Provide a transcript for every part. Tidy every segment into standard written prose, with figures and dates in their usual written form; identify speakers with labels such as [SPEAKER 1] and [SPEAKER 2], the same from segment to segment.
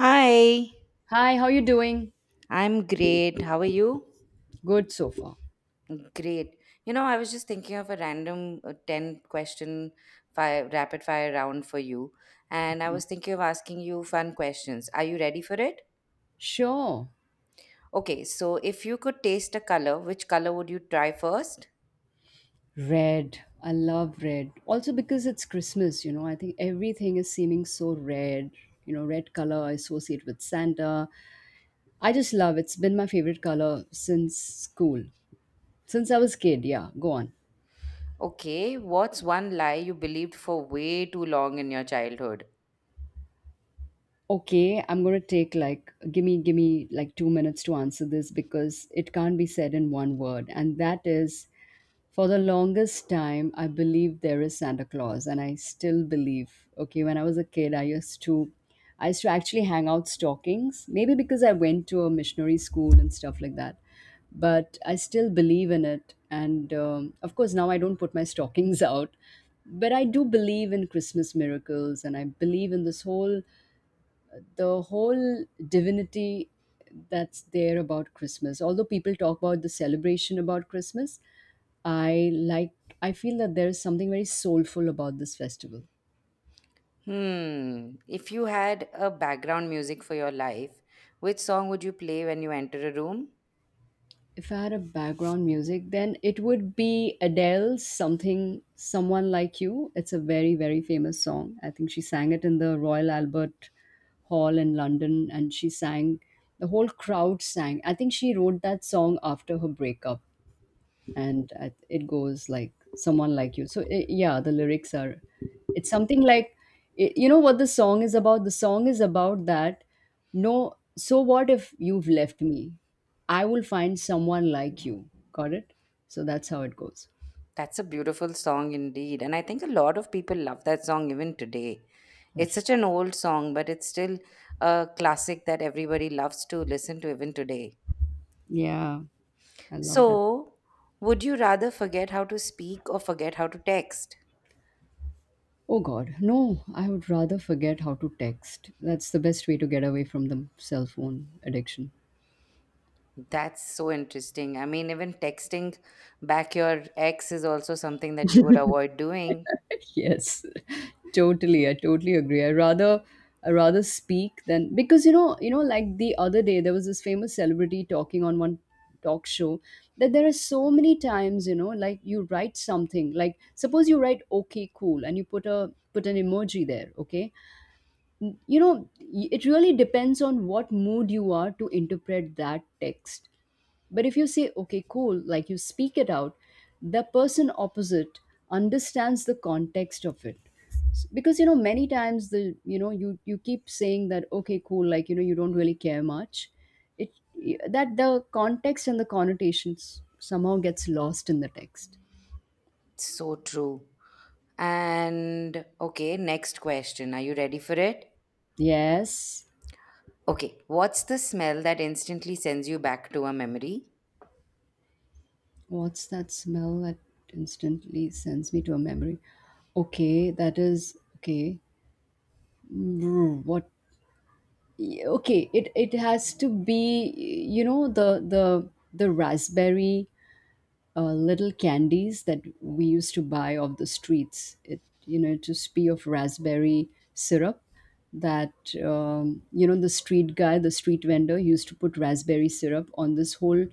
[SPEAKER 1] Hi,
[SPEAKER 2] Hi, how you doing?
[SPEAKER 1] I'm great. How are you?
[SPEAKER 2] Good so far.
[SPEAKER 1] Great. I was just thinking of a random 10 question fire, rapid fire round for you, and I
[SPEAKER 2] Okay.
[SPEAKER 1] was thinking of asking you fun questions. Are you ready for it?
[SPEAKER 2] Sure.
[SPEAKER 1] Okay, so if you could taste a color, which color would you try first?
[SPEAKER 2] Red. I love red. Also because it's Christmas, I think everything is seeming so red. Red color I associate with Santa. I just love it. It's been my favorite color since school. Since I was kid, yeah. Go on.
[SPEAKER 1] Okay, what's one lie you believed for way too long in your childhood?
[SPEAKER 2] Okay, I'm going to take, like, give me like 2 minutes to answer this because it can't be said in one word. And that is, for the longest time, I believed there is Santa Claus, and I still believe. Okay, when I was a kid, I used to actually hang out stockings, maybe because I went to a missionary school and stuff like that. But I still believe in it, and of course now I don't put my stockings out. But I do believe in Christmas miracles, and I believe in this whole, the whole divinity that's there about Christmas. Although people talk about the celebration about Christmas, I like I feel that there is something very soulful about this festival.
[SPEAKER 1] Hmm, if you had a background music for your life, which song would you play when you enter a room?
[SPEAKER 2] If I had a background music, then it would be Adele's something, someone like you. It's a very famous song. I think she sang it in the Royal Albert Hall in London, and she sang the whole crowd sang. I think she wrote that song after her breakup, and I, it goes like someone like you. So I, yeah, the lyrics are, it's something like I you know What the song is about, the song is about that, no, so what if you've left me, I will find someone like you. Got it. So that's how it goes.
[SPEAKER 1] That's a beautiful song indeed. And I think a lot of people love that song even today. It's
[SPEAKER 2] Yes.
[SPEAKER 1] such an old song, but it's still a classic that everybody loves to listen to even today.
[SPEAKER 2] Yeah, I love that.
[SPEAKER 1] So, would you rather forget how to speak or forget how to text?
[SPEAKER 2] Oh god, no. I would rather forget how to text. That's the best way to get away from the cell phone addiction.
[SPEAKER 1] That's so interesting. I mean, even texting back your ex is also something that you would avoid doing.
[SPEAKER 2] Yes, totally. I totally agree. I rather speak than, because you know like the other day there was this famous celebrity talking on one talk show, that there are so many times, like, you write something like, suppose you write okay, cool, and you put an emoji there, okay. You know, it really depends on what mood you are to interpret that text. But if you say okay, cool, like, you speak it out, the person opposite understands the context of it. Because, many times the, you keep saying that okay, cool, like, you don't really care much. It, that the context and the connotations somehow gets lost in the text.
[SPEAKER 1] So true. And okay, next question. Are you ready for it?
[SPEAKER 2] Yes.
[SPEAKER 1] Okay, what's the smell that instantly sends you back to a memory?
[SPEAKER 2] What's that smell that instantly sends me to a memory? Okay, that is okay. Mm, What okay, it has to be, you know, the raspberry little candies that we used to buy off the streets. It, you know, it used to be of raspberry syrup, that, you know, the street vendor used to put raspberry syrup on this whole,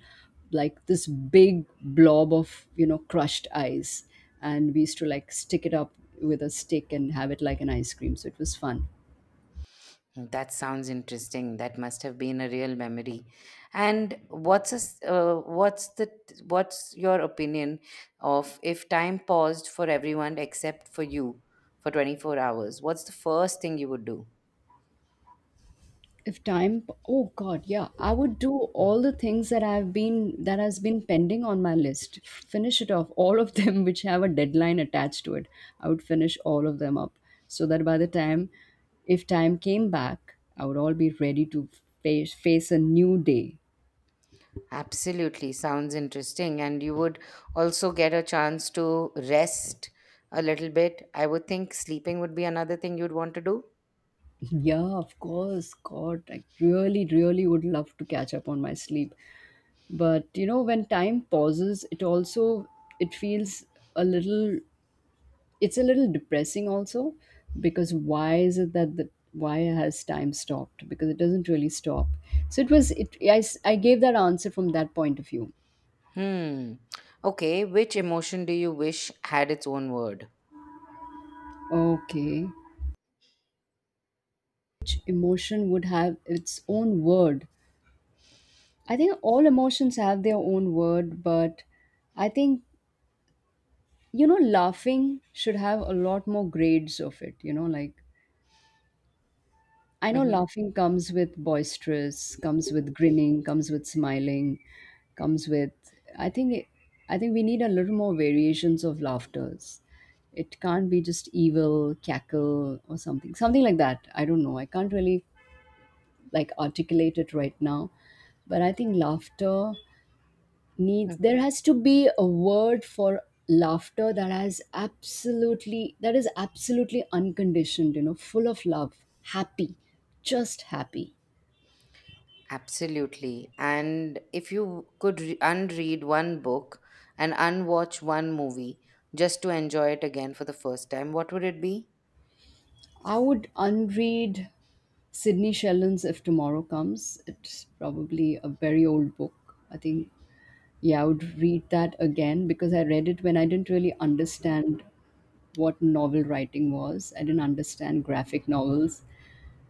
[SPEAKER 2] like this big blob of, you know, crushed ice, and we used to like stick it up with a stick and have it like an ice cream. So it was fun.
[SPEAKER 1] Hmm, that sounds interesting. That must have been a real memory. And what's a, s- what's the what's your opinion of if time paused for everyone except for you for 24 hours? What's the first thing you would do?
[SPEAKER 2] If time, oh god, yeah, I would do all the things that I've been that has been pending on my list, finish it off, all of them which have a deadline attached to it. I would finish all of them up, so that by the time, if time came back, I would all be ready to face a new day.
[SPEAKER 1] Absolutely, sounds interesting. And you would also get a chance to rest a little bit. I would think sleeping would be another thing you'd want to do.
[SPEAKER 2] Yeah, of course, god, I really would love to catch up on my sleep. But you know, when time pauses, it also, it feels a little, it's a little depressing also, because why is it that the, why has time stopped, because it doesn't really stop. So it was it, I gave that answer from that point of view.
[SPEAKER 1] Hmm. Okay. Which emotion do you wish had its own word?
[SPEAKER 2] Okay. Each emotion would have its own word. I think all emotions have their own word, but I think, you know, laughing should have a lot more grades of it, you know, like, I know
[SPEAKER 1] Hmm
[SPEAKER 2] laughing comes with boisterous, comes with grinning, comes with smiling, comes with. I think, I think we need a little more variations of laughters. It can't be just evil cackle or something, something like that. I don't know. I can't really like articulate it right now, but I think laughter needs. There has to be a word for laughter that has absolutely, that is absolutely unconditioned. You know, full of love, happy, just happy.
[SPEAKER 1] Absolutely. And if you could unread one book and unwatch one movie just to enjoy it again for the first time, what would it be?
[SPEAKER 2] I would unread Sydney Sheldon's If Tomorrow Comes. It's probably a very old book. I think, yeah, I would read that again because I read it when I didn't really understand what novel writing was. I didn't understand graphic novels.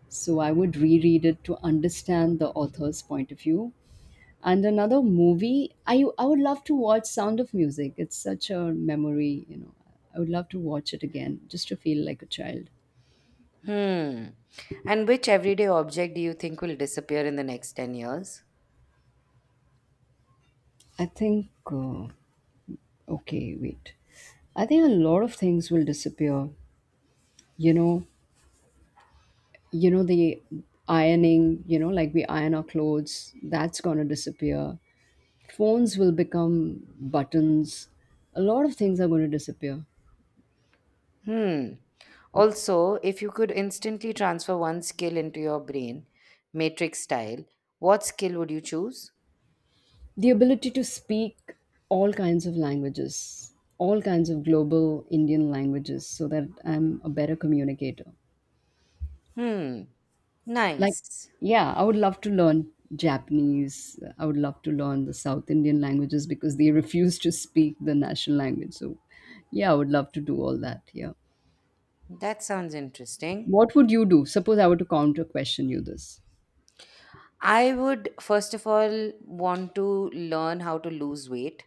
[SPEAKER 2] So I would reread it to understand the author's point of view. And another movie, I would love to watch Sound of Music. It's such a memory, you know. I would love to watch it again just to feel like a child.
[SPEAKER 1] Hmm. And which everyday object do you think will disappear in the next 10 years?
[SPEAKER 2] I think okay, wait. I think a lot of things will disappear. You know, you know the ironing, you know, like we iron our clothes, that's going to disappear. Phones will become buttons. A lot of things are going to disappear.
[SPEAKER 1] Hmm. Also, if you could instantly transfer one skill into your brain, matrix style, what skill would you choose?
[SPEAKER 2] The ability to speak all kinds of languages, all kinds of global Indian languages, so that I'm a better communicator.
[SPEAKER 1] Hmm.
[SPEAKER 2] Like,
[SPEAKER 1] Nice.
[SPEAKER 2] yeah, I would love to learn Japanese. I would love to learn the South Indian languages because they refuse to speak the national language. So yeah, I would love to do all that. Yeah.
[SPEAKER 1] That sounds interesting.
[SPEAKER 2] What would you do, suppose I were to counter question you this?
[SPEAKER 1] I would first of all want to learn how to lose weight.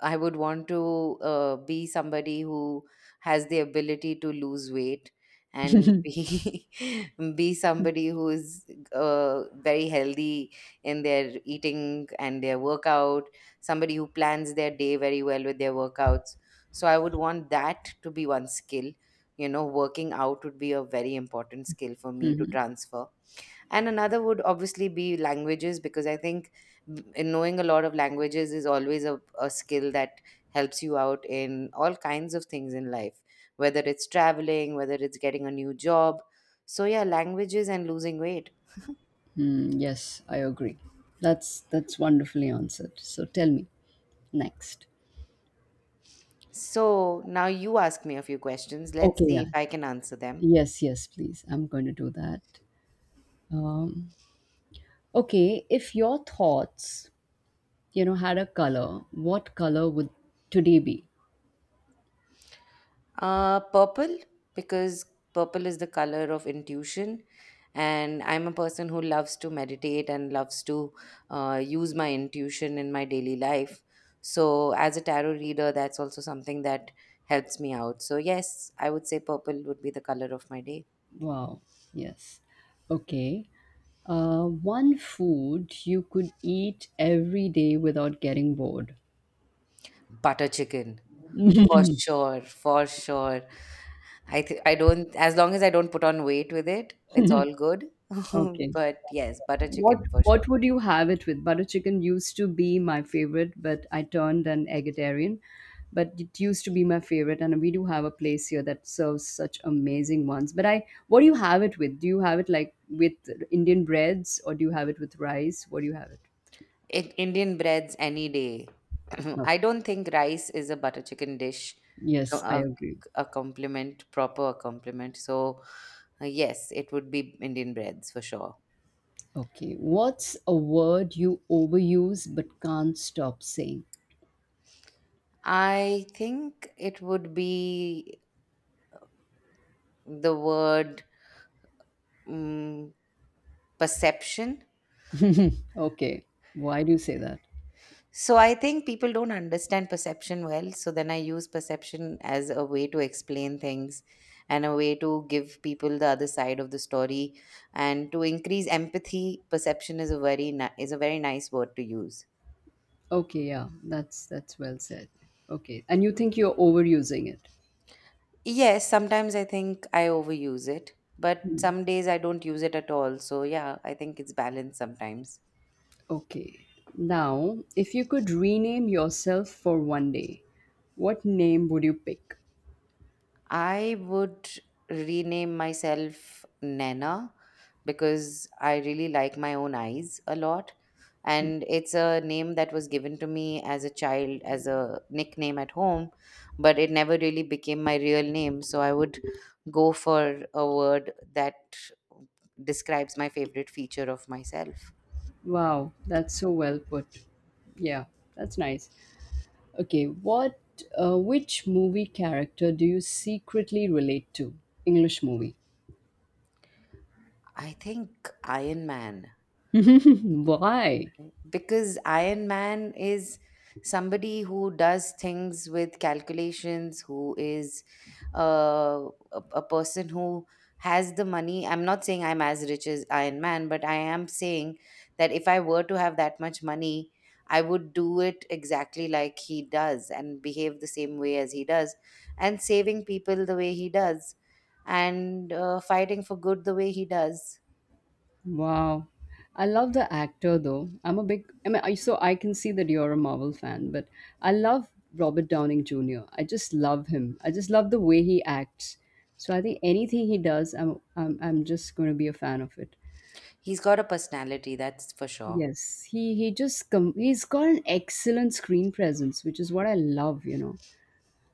[SPEAKER 1] I would want to be somebody who has the ability to lose weight and be be somebody who is very healthy in their eating and their workout. Somebody who plans their day very well with their workouts. So I would want that to be one skill. You know, working out would be a very important skill for me to transfer, and another would obviously be languages, because I think in knowing a lot of languages is always a skill that helps you out in all kinds of things in life, whether it's traveling, whether it's getting a new job. So yeah, languages and losing weight.
[SPEAKER 2] Hmm, yes, I agree. That's wonderfully answered. So tell me next.
[SPEAKER 1] So now you ask me a few questions, let's
[SPEAKER 2] Okay,
[SPEAKER 1] see if
[SPEAKER 2] yes,
[SPEAKER 1] I can answer them.
[SPEAKER 2] yes please, I'm going to do that. um, okay, if your thoughts, you know, had a color, what color would today be?
[SPEAKER 1] Purple, because purple is the color of intuition. And I'm a person who loves to meditate and loves to use my intuition in my daily life. So, as a tarot reader, that's also something that helps me out. So, yes, I would say purple would be the color of my day.
[SPEAKER 2] Wow, yes. Okay. One food you could eat every day without getting bored.
[SPEAKER 1] Butter chicken, for sure, for sure. I don't, as long as I don't put on weight with it, it's all good.
[SPEAKER 2] Okay.
[SPEAKER 1] But yes, butter
[SPEAKER 2] What
[SPEAKER 1] chicken for sure.
[SPEAKER 2] what would you have it with? Butter chicken used to be my favorite, but I turned an eggetarian. But it used to be my favorite, and we do have a place here that serves such amazing ones. But I, what do you have it with? Do you have it like with Indian breads, or do you have it with rice? What do you have it?
[SPEAKER 1] Indian breads any day.
[SPEAKER 2] Okay.
[SPEAKER 1] I don't think rice is a butter chicken dish, co-
[SPEAKER 2] Yes, I
[SPEAKER 1] a,
[SPEAKER 2] agree.
[SPEAKER 1] a compliment, proper compliment. So, yes, it would be Indian breads for sure.
[SPEAKER 2] Okay, what's a word you overuse but can't stop saying?
[SPEAKER 1] I think it would be the word mm perception.
[SPEAKER 2] Okay, why do you say that?
[SPEAKER 1] So I think people don't understand perception well. So then I use perception as a way to explain things and a way to give people the other side of the story and to increase empathy. Perception is a very nice word to use.
[SPEAKER 2] Okay, yeah, that's well said. Okay, and you think you're overusing it.
[SPEAKER 1] Yes, sometimes I think I overuse it, but
[SPEAKER 2] Hmm,
[SPEAKER 1] some days I don't use it at all. So yeah, I think it's balanced sometimes.
[SPEAKER 2] okay, now if you could rename yourself for one day, what name would you pick?
[SPEAKER 1] I would rename myself Nana because I really like my own eyes a lot. And it's a name that was given to me as a child, as a nickname at home, but it never really became my real name. So I would go for a word that describes my favorite feature of myself.
[SPEAKER 2] Wow, that's so well put. Yeah, that's nice. Okay, what which movie character do you secretly relate to? English movie.
[SPEAKER 1] I think Iron Man.
[SPEAKER 2] Why?
[SPEAKER 1] Because Iron Man is somebody who does things with calculations, who is uh, a person who has the money. I'm not saying I'm as rich as Iron Man, but I am saying that if I were to have that much money, I would do it exactly like he does and behave the same way as he does, and saving people the way he does, and fighting for good the way he does.
[SPEAKER 2] Wow. I love the actor though. I'm a big, I mean, I, so I can see that you're a Marvel fan, but I love Robert Downing Jr. I just love him. I just love the way he acts. So I think anything he does, I'm just going to be a fan of it.
[SPEAKER 1] He's got a personality, that's for sure.
[SPEAKER 2] Yes, he he's got an excellent screen presence, which is what I love, you know.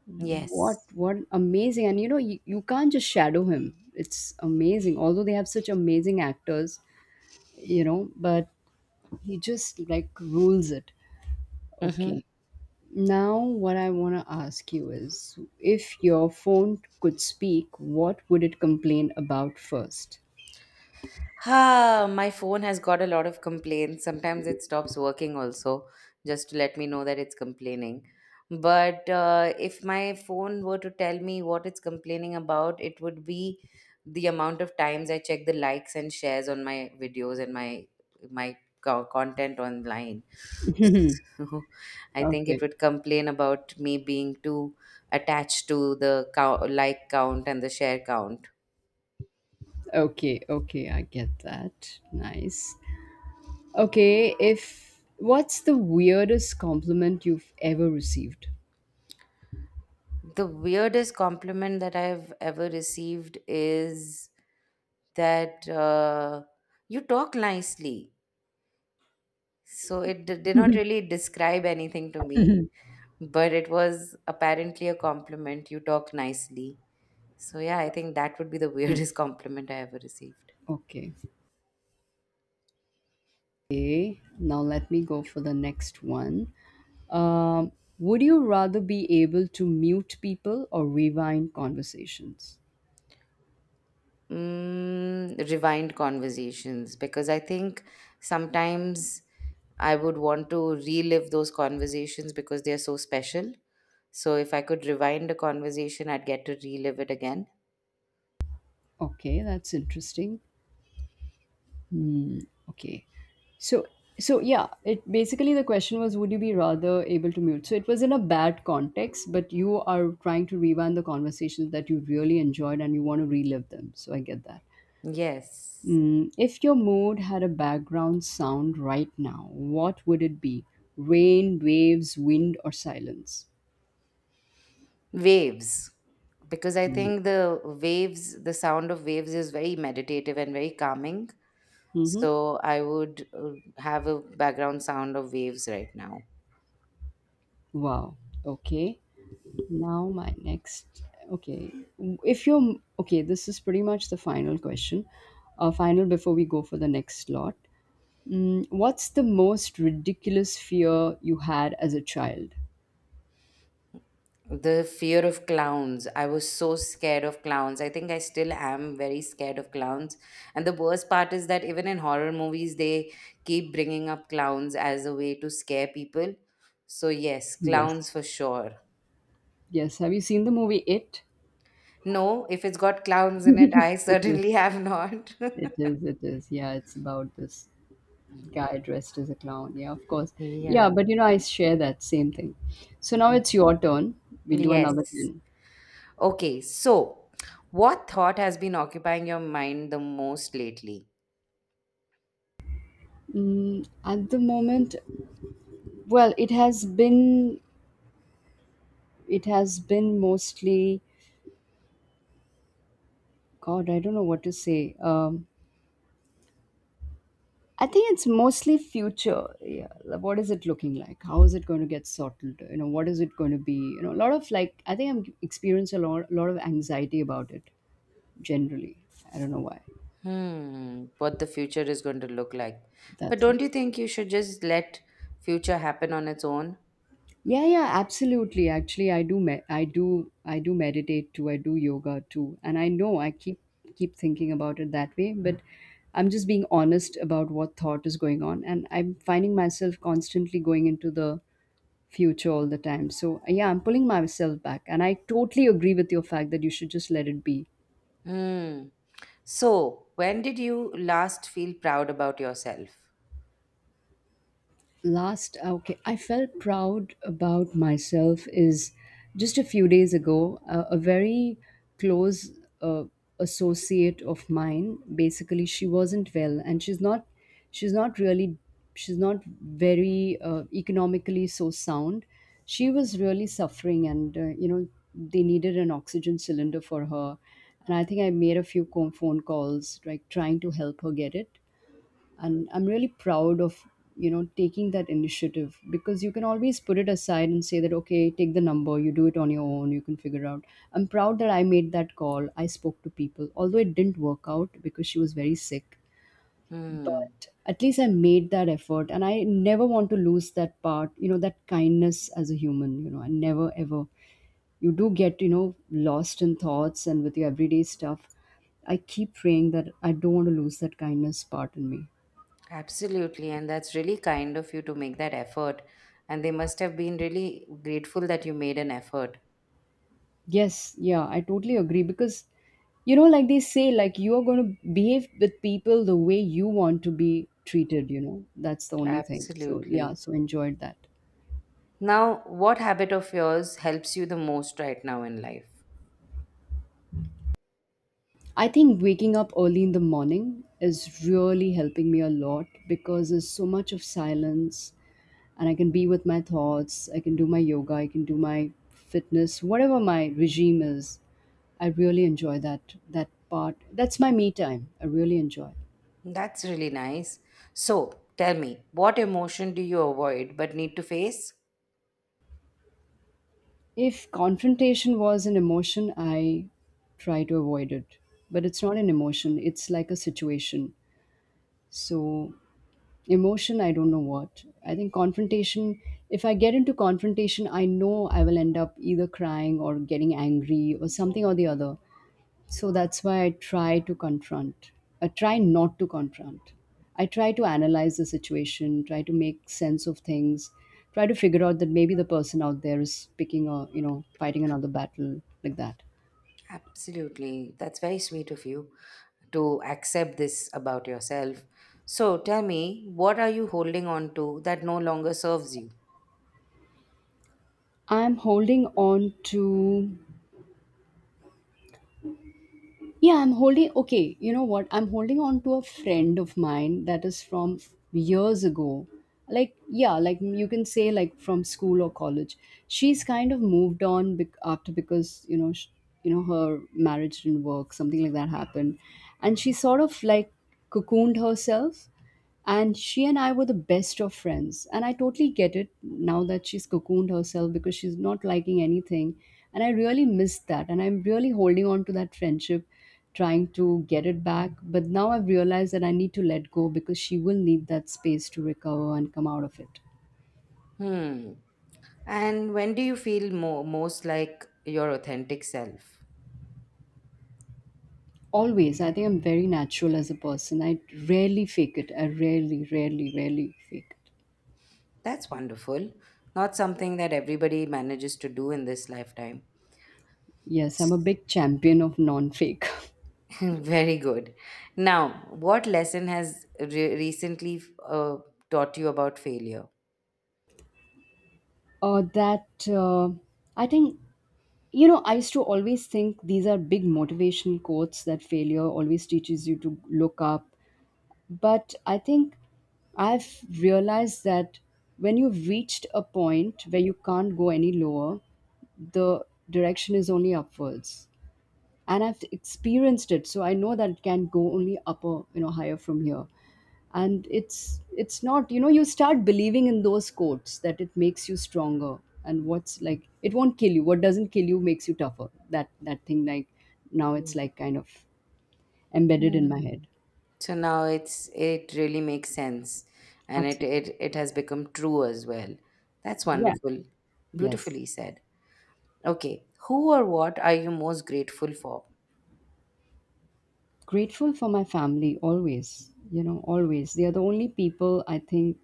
[SPEAKER 1] Yes.
[SPEAKER 2] What amazing, and you know, you can't just shadow him. It's amazing. Although they have such amazing actors, you know, but he just like rules it.
[SPEAKER 1] Mm-hmm.
[SPEAKER 2] Okay. Now, what I want to ask you is, if your phone could speak, what would it complain about first?
[SPEAKER 1] Ah, my phone has got a lot of complaints. Sometimes it stops working also, just to let me know that it's complaining. But if my phone were to tell me what it's complaining about, it would be the amount of times I check the likes and shares on my videos and my content online. So I think
[SPEAKER 2] Okay.
[SPEAKER 1] it would complain about me being too attached to the count, like count and the share count.
[SPEAKER 2] Okay. Okay, I get that. Nice. Okay. If, what's the weirdest compliment you've ever received?
[SPEAKER 1] The weirdest compliment that I've ever received is that you talk nicely. So did not really describe anything to me, but it was apparently a compliment. You talk nicely. So yeah, I think that would be the
[SPEAKER 2] Hmm,
[SPEAKER 1] weirdest compliment I ever received.
[SPEAKER 2] okay. Okay, now let me go for the next one. Um, would you rather be able to mute people or rewind conversations?
[SPEAKER 1] Mm, rewind conversations because I think sometimes I would want to relive those conversations because they are so special. So if I could rewind a conversation, I'd get to relive it again.
[SPEAKER 2] Okay, that's interesting. Okay. So, so yeah, it basically, the question was would you be rather able to mute? So it was in a bad context, but you are trying to rewind the conversations that you really enjoyed and you want to relive them. So I get that.
[SPEAKER 1] Yes.
[SPEAKER 2] Mm, if your mood had a background sound right now, what would it be? Rain, waves, wind, or silence?
[SPEAKER 1] Waves. Because I think the waves, the sound of waves is very meditative and very calming.
[SPEAKER 2] Mm-hmm.
[SPEAKER 1] So I would have a background sound of waves right now.
[SPEAKER 2] Wow. Okay. Now, my next. Okay. If you're. Okay, this is pretty much the final question. Final before we go for the next slot. Mm, what's the most ridiculous fear you had as a child?
[SPEAKER 1] The fear of clowns. I was so scared of clowns. I think I still am very scared of clowns. And the worst part is that even in horror movies, they keep bringing up clowns as a way to scare people. So, yes,
[SPEAKER 2] Yes.
[SPEAKER 1] clowns for sure.
[SPEAKER 2] Yes. Have you seen the movie It?
[SPEAKER 1] No, if it's got clowns in it, I
[SPEAKER 2] It is.
[SPEAKER 1] certainly have not.
[SPEAKER 2] It is. Yeah, it's about this guy dressed as a clown. Yeah, of course. Yeah,
[SPEAKER 1] Yeah.
[SPEAKER 2] but you know, I share that same thing. So now
[SPEAKER 1] Mm.
[SPEAKER 2] it's your turn. We'll do another
[SPEAKER 1] Yes.
[SPEAKER 2] 10.
[SPEAKER 1] Okay, so what thought has been occupying your mind the most lately?
[SPEAKER 2] At the moment, well, it has been mostly, God, I don't know what to say. I think it's mostly future. Yeah, like, what is it looking like? How is it going to get sorted? What is it going to be? A lot of, like, I think I'm experience a lot of anxiety about it generally. I don't know why.
[SPEAKER 1] Hmm, what the future is going to look like. But
[SPEAKER 2] That's right.
[SPEAKER 1] don't you think you should just let future happen on its own?
[SPEAKER 2] Yeah, yeah, absolutely. Actually, I do meditate too. I do yoga too. And I know I keep thinking about it that way, but I'm just being honest about what thought is going on and I'm finding myself constantly going into the future all the time. So, yeah, I'm pulling myself back and I totally agree with your fact that you should just let it be.
[SPEAKER 1] Hmm. So, when did you last feel proud about yourself?
[SPEAKER 2] Last, okay, I felt proud about myself is just a few days ago. A very close uh, associate of mine, basically, she wasn't well, and she's not really, she's not very economically so sound. She was really suffering, and they needed an oxygen cylinder for her. And I think I made a few phone calls, like, trying to help her get it. And I'm really proud of taking that initiative, because you can always put it aside and say that, okay, take the number, you do it on your own, you can figure out. I'm proud that I made that call, I spoke to people, although it didn't work out because she was very sick.
[SPEAKER 1] Hmm.
[SPEAKER 2] But at least I made that effort, and I never want to lose that part, that kindness as a human. I never, ever. You do get, lost in thoughts and with your everyday stuff. I keep praying that I don't want to lose that kindness part in me.
[SPEAKER 1] Absolutely. And that's really kind of you to make that effort. And they must have been really grateful that you made an effort.
[SPEAKER 2] Yes, yeah, I totally agree, because like they say, like, you are going to behave with people the way you want to be treated. That's the only thing. So, yeah,
[SPEAKER 1] Absolutely.
[SPEAKER 2] so enjoyed that.
[SPEAKER 1] Now, what habit of yours helps you the most right now in life?
[SPEAKER 2] I think waking up early in the morning is really helping me a lot, because there's so much of silence, and I can be with my thoughts, I can do my yoga, I can do my fitness, whatever my regime is. I really enjoy that part. That's my me time. I really enjoy.
[SPEAKER 1] That's really nice. So, tell me, what emotion do you avoid but need to face?
[SPEAKER 2] If confrontation was an emotion, I try to avoid it. But it's not an emotion, it's like a situation. So, emotion, I don't know what. I think confrontation, if I get into confrontation, I know I will end up either crying or getting angry or something or the other. So that's why I try to confront. I try not to confront. I try to analyze the situation, try to make sense of things, try to figure out that maybe the person out there is picking a, fighting another battle like that.
[SPEAKER 1] Absolutely. That's very sweet of you to accept this about yourself. So, tell me, what are you holding on to that no longer serves you?
[SPEAKER 2] I'm holding on to Yeah, I'm holding, okay, you know what? I'm holding on to a friend of mine that is from years ago. Like, yeah, like you can say, like from school or college. She's kind of moved on after, because, her marriage didn't work, something like that happened. And she sort of like cocooned herself, and she and I were the best of friends, and I totally get it now that she's cocooned herself because she's not liking anything. And I really missed that, and I'm really holding on to that friendship, trying to get it back, but now I've realized that I need to let go, because she will need that space to recover and come out of it.
[SPEAKER 1] Hmm. And when do you feel most like your authentic self?
[SPEAKER 2] Always, I think I'm very natural as a person. I rarely fake it. I rarely, rarely, rarely fake it.
[SPEAKER 1] That's wonderful. Not something that everybody manages to do in this lifetime.
[SPEAKER 2] Yes, I'm a big champion of non-fake.
[SPEAKER 1] Very good. Now, what lesson has recently taught you about failure?
[SPEAKER 2] That, I think. I used to always think these are big motivation quotes, that failure always teaches you to look up. But I think I've realized that when you've reached a point where you can't go any lower, the direction is only upwards. And I've experienced it, so I know that it can go only upper, higher from here. And it's not, you start believing in those quotes that it makes you stronger. And what's, like, it won't kill you, what doesn't kill you makes you tougher. That thing, like, now it's like kind of embedded in my head.
[SPEAKER 1] Hmm. So now it's it really makes sense, and it
[SPEAKER 2] Absolutely.
[SPEAKER 1] it it has become true as well. That's
[SPEAKER 2] Yeah.
[SPEAKER 1] wonderful,
[SPEAKER 2] Yes.
[SPEAKER 1] beautifully said. Okay, who or what are you most grateful for?
[SPEAKER 2] Grateful for my family always, always. They are the only people, I think,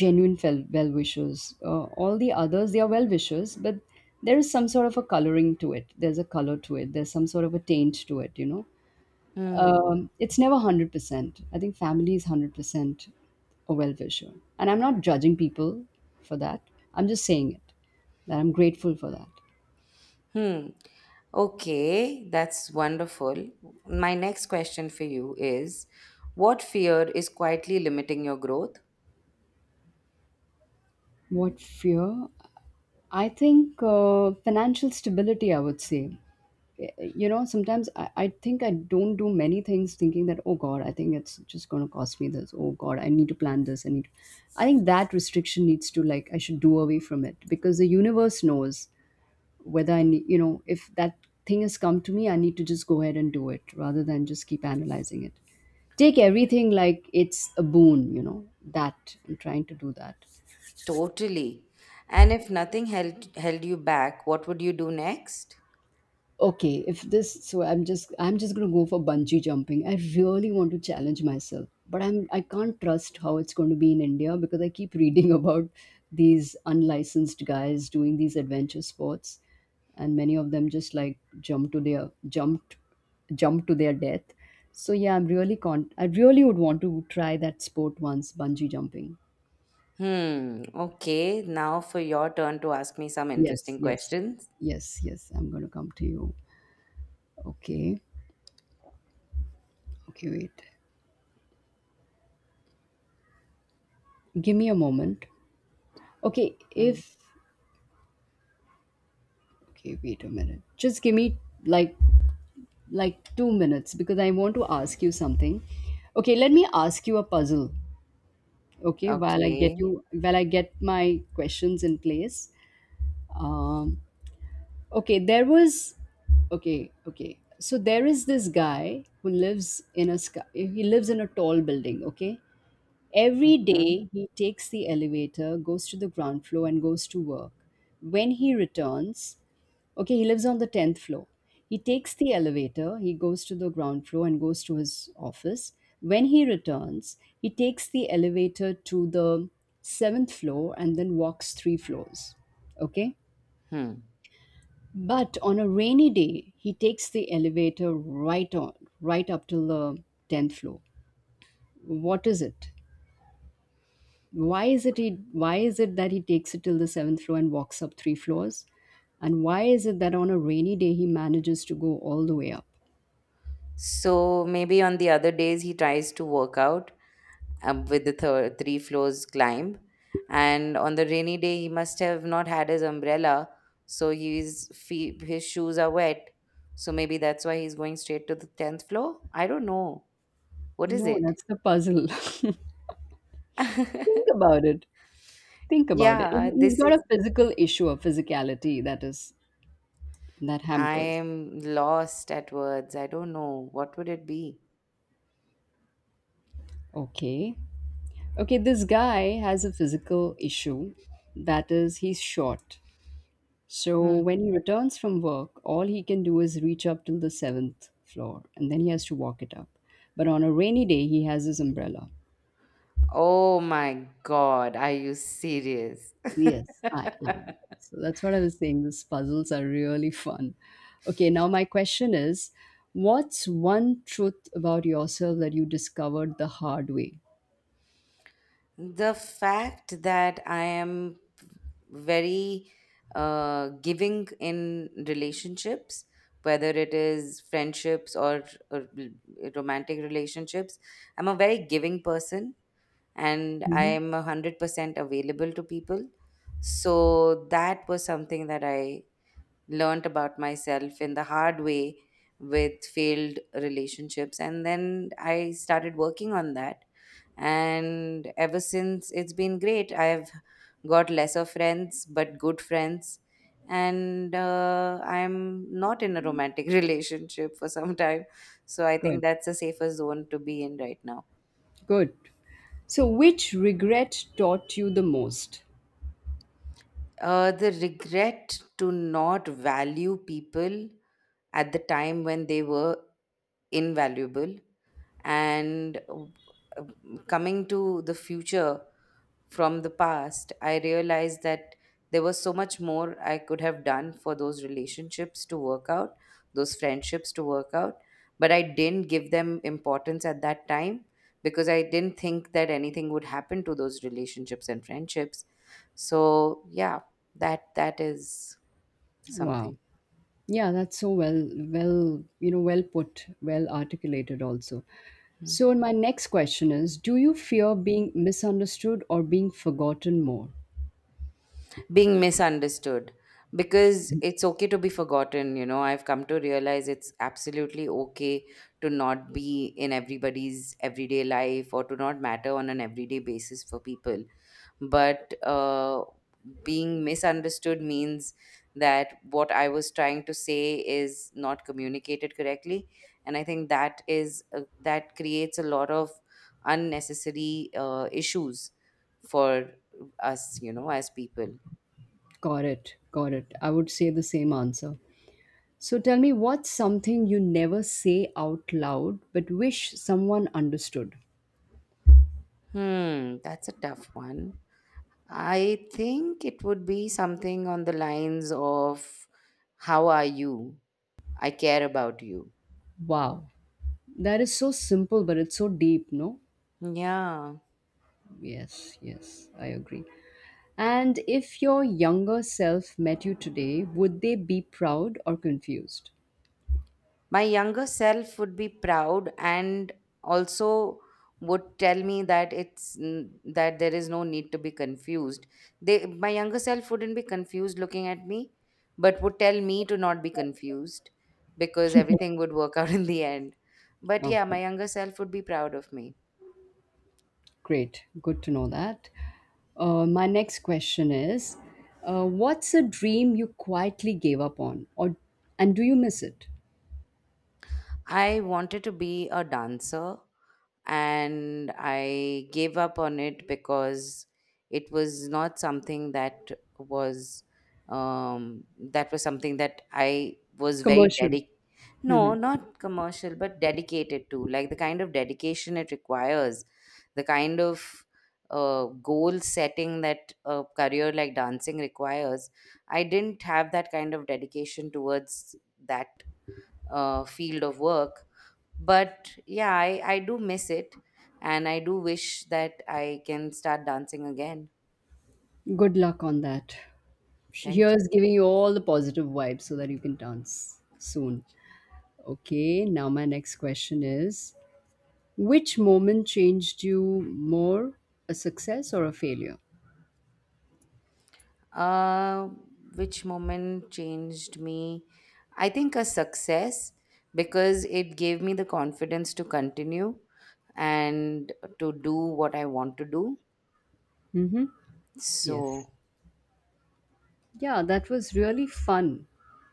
[SPEAKER 2] genuine well wishers. All the others, they are well wishers, but there is some sort of a coloring to it, there's a color to it, there's some sort of a taint to it.
[SPEAKER 1] Hmm.
[SPEAKER 2] It's never 100%. I think family is 100% a well wisher. And I'm not judging people for that. I'm just saying it, that I'm grateful for that.
[SPEAKER 1] Hmm. Okay, that's wonderful. My next question for you is, what fear is quietly limiting your growth?
[SPEAKER 2] What fear? I think financial stability, I would say. Sometimes I think I don't do many things thinking that, oh God, I think it's just going to cost me this. Oh God, I need to plan this. I need. I think that restriction needs to, like, I should do away from it, because the universe knows whether I need, if that thing has come to me, I need to just go ahead and do it rather than just keep analyzing it. Take everything like it's a boon, that I'm trying to do that.
[SPEAKER 1] Totally. And if nothing held you back, what would you do next?
[SPEAKER 2] Okay, if this so, I'm just going to go for bungee jumping. I really want to challenge myself, but I can't trust how it's going to be in India, because I keep reading about these unlicensed guys doing these adventure sports, and many of them just like jump to their death. So, yeah, I really would want to try that sport once, bungee jumping.
[SPEAKER 1] Hmm. Okay. Now for your turn to ask me some
[SPEAKER 2] Yes,
[SPEAKER 1] interesting
[SPEAKER 2] yes.
[SPEAKER 1] questions.
[SPEAKER 2] Yes, yes, I'm going to come to you. Okay, okay, wait, give me a moment. Okay,
[SPEAKER 1] Hmm.
[SPEAKER 2] if okay, wait a minute. Just give me, like like 2 minutes, because I want to ask you something. Okay, let me ask you a puzzle. Okay,
[SPEAKER 1] Okay.
[SPEAKER 2] while I get my questions in place. Um okay, there was okay, okay. So there is this guy who lives in a tall building, okay? Every
[SPEAKER 1] hmm
[SPEAKER 2] day, he takes the elevator, goes to the ground floor, and goes to work. When he returns, okay, he lives on the 10th floor. He takes the elevator, he goes to the ground floor, and goes to his office. When he returns, he takes the elevator to the seventh floor and then walks three floors. Okay?
[SPEAKER 1] Hmm.
[SPEAKER 2] But on a rainy day, he takes the elevator right on, right up to the 10th floor. What is it? Why is it that he takes it till the seventh floor and walks up three floors? And why is it that on a rainy day he manages to go all the way up?
[SPEAKER 1] So maybe on the other days he tries to work out with the three floors climb, and on the rainy day he must have not had his umbrella, so his shoes are wet. So maybe that's why he's going straight to the tenth floor. I don't know. What is
[SPEAKER 2] No,
[SPEAKER 1] it?
[SPEAKER 2] that's the puzzle. Think about it. Think about it. And
[SPEAKER 1] Yeah,
[SPEAKER 2] he's
[SPEAKER 1] this
[SPEAKER 2] got
[SPEAKER 1] is,
[SPEAKER 2] a physical issue, a physicality that is, that
[SPEAKER 1] I
[SPEAKER 2] hampers.
[SPEAKER 1] am lost at words. I don't know. What would it be?
[SPEAKER 2] Okay, okay, this guy has a physical issue, that is, he's short. So
[SPEAKER 1] Hmm.
[SPEAKER 2] when he returns from work, all he can do is reach up till the seventh floor and then he has to walk it up. But on a rainy day, he has his umbrella.
[SPEAKER 1] Oh my God, are you serious?
[SPEAKER 2] Yes, I am. So that's what I was saying. These puzzles are really fun. Okay, now my question is, what's one truth about yourself that you discovered the hard way?
[SPEAKER 1] The fact that I am very giving in relationships, whether it is friendships or romantic relationships, I'm a very giving person and I
[SPEAKER 2] Mhm.
[SPEAKER 1] am 100% available to people. So that was something that I learned about myself in the hard way with failed relationships, and then I started working on that, and ever since it's been great. I've got lesser friends but good friends, and I'm not in a romantic relationship for some time, so I think
[SPEAKER 2] Good,
[SPEAKER 1] that's a safer zone to be in right now.
[SPEAKER 2] good. So, which regret taught you the most?
[SPEAKER 1] The regret to not value people at the time when they were invaluable. And coming to the future from the past, I realized that there was so much more I could have done for those relationships to work out, those friendships to work out. But I didn't give them importance at that time because I didn't think that anything would happen to those relationships and friendships. So yeah, that is
[SPEAKER 2] Wow.
[SPEAKER 1] something.
[SPEAKER 2] Yeah, that's so well, well, well put, well articulated also. So, my next question is, do you fear being misunderstood or being forgotten more?
[SPEAKER 1] Being misunderstood, because it's okay to be forgotten. You know, I've come to realize it's absolutely okay to not be in everybody's everyday life, or to not matter on an everyday basis for people. But being misunderstood means that what I was trying to say is not communicated correctly, and I think that is that creates a lot of unnecessary issues for us, you know, as people.
[SPEAKER 2] Got it. Got it. I would say the same answer. So, tell me, what's something you never say out loud but wish someone understood?
[SPEAKER 1] Hmm, that's a tough one. I think it would be something on the lines of, how are you? I care about you.
[SPEAKER 2] Wow. That is so simple, but it's so deep, no?
[SPEAKER 1] Yeah.
[SPEAKER 2] Yes, yes, I agree. And if your younger self met you today, would they be proud or confused?
[SPEAKER 1] My younger self would be proud, and also would tell me that that there is no need to be confused. They My younger self wouldn't be confused looking at me, but would tell me to not be confused because everything would work out in the end. But yeah,
[SPEAKER 2] Okay.
[SPEAKER 1] my younger self would be proud of me.
[SPEAKER 2] Great, good to know that. My next question is what's a dream you quietly gave up on, or and do you miss it?
[SPEAKER 1] I wanted to be a dancer and I gave up on it because it was not something was that was something that I was very
[SPEAKER 2] Commercial.
[SPEAKER 1] dedicated. No, not commercial, but dedicated to, like, the kind of dedication it requires, the kind of goal setting that a career like dancing requires. I didn't have that kind of dedication towards that field of work. But yeah, I do miss it, and I do wish that I can start dancing again.
[SPEAKER 2] Good luck on that.
[SPEAKER 1] Thank you.
[SPEAKER 2] Here's giving you all the positive vibes so that you can dance soon. Okay, now my next question is, which moment changed you more, a success or a failure?
[SPEAKER 1] Uh which moment changed me? I think a success, because it gave me the confidence to continue and to do what I want to do.
[SPEAKER 2] Mm-hmm. Yes.
[SPEAKER 1] So
[SPEAKER 2] Yeah, that was really fun.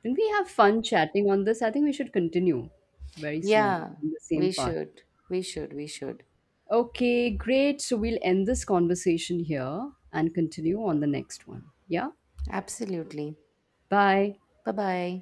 [SPEAKER 2] Didn't we have fun chatting on this? I think we should continue very soon
[SPEAKER 1] yeah,
[SPEAKER 2] in the same
[SPEAKER 1] we
[SPEAKER 2] part.
[SPEAKER 1] should, we should.
[SPEAKER 2] Okay, great. So we'll end this conversation here and continue on the next one. Yeah?
[SPEAKER 1] Absolutely.
[SPEAKER 2] Bye.
[SPEAKER 1] Bye bye.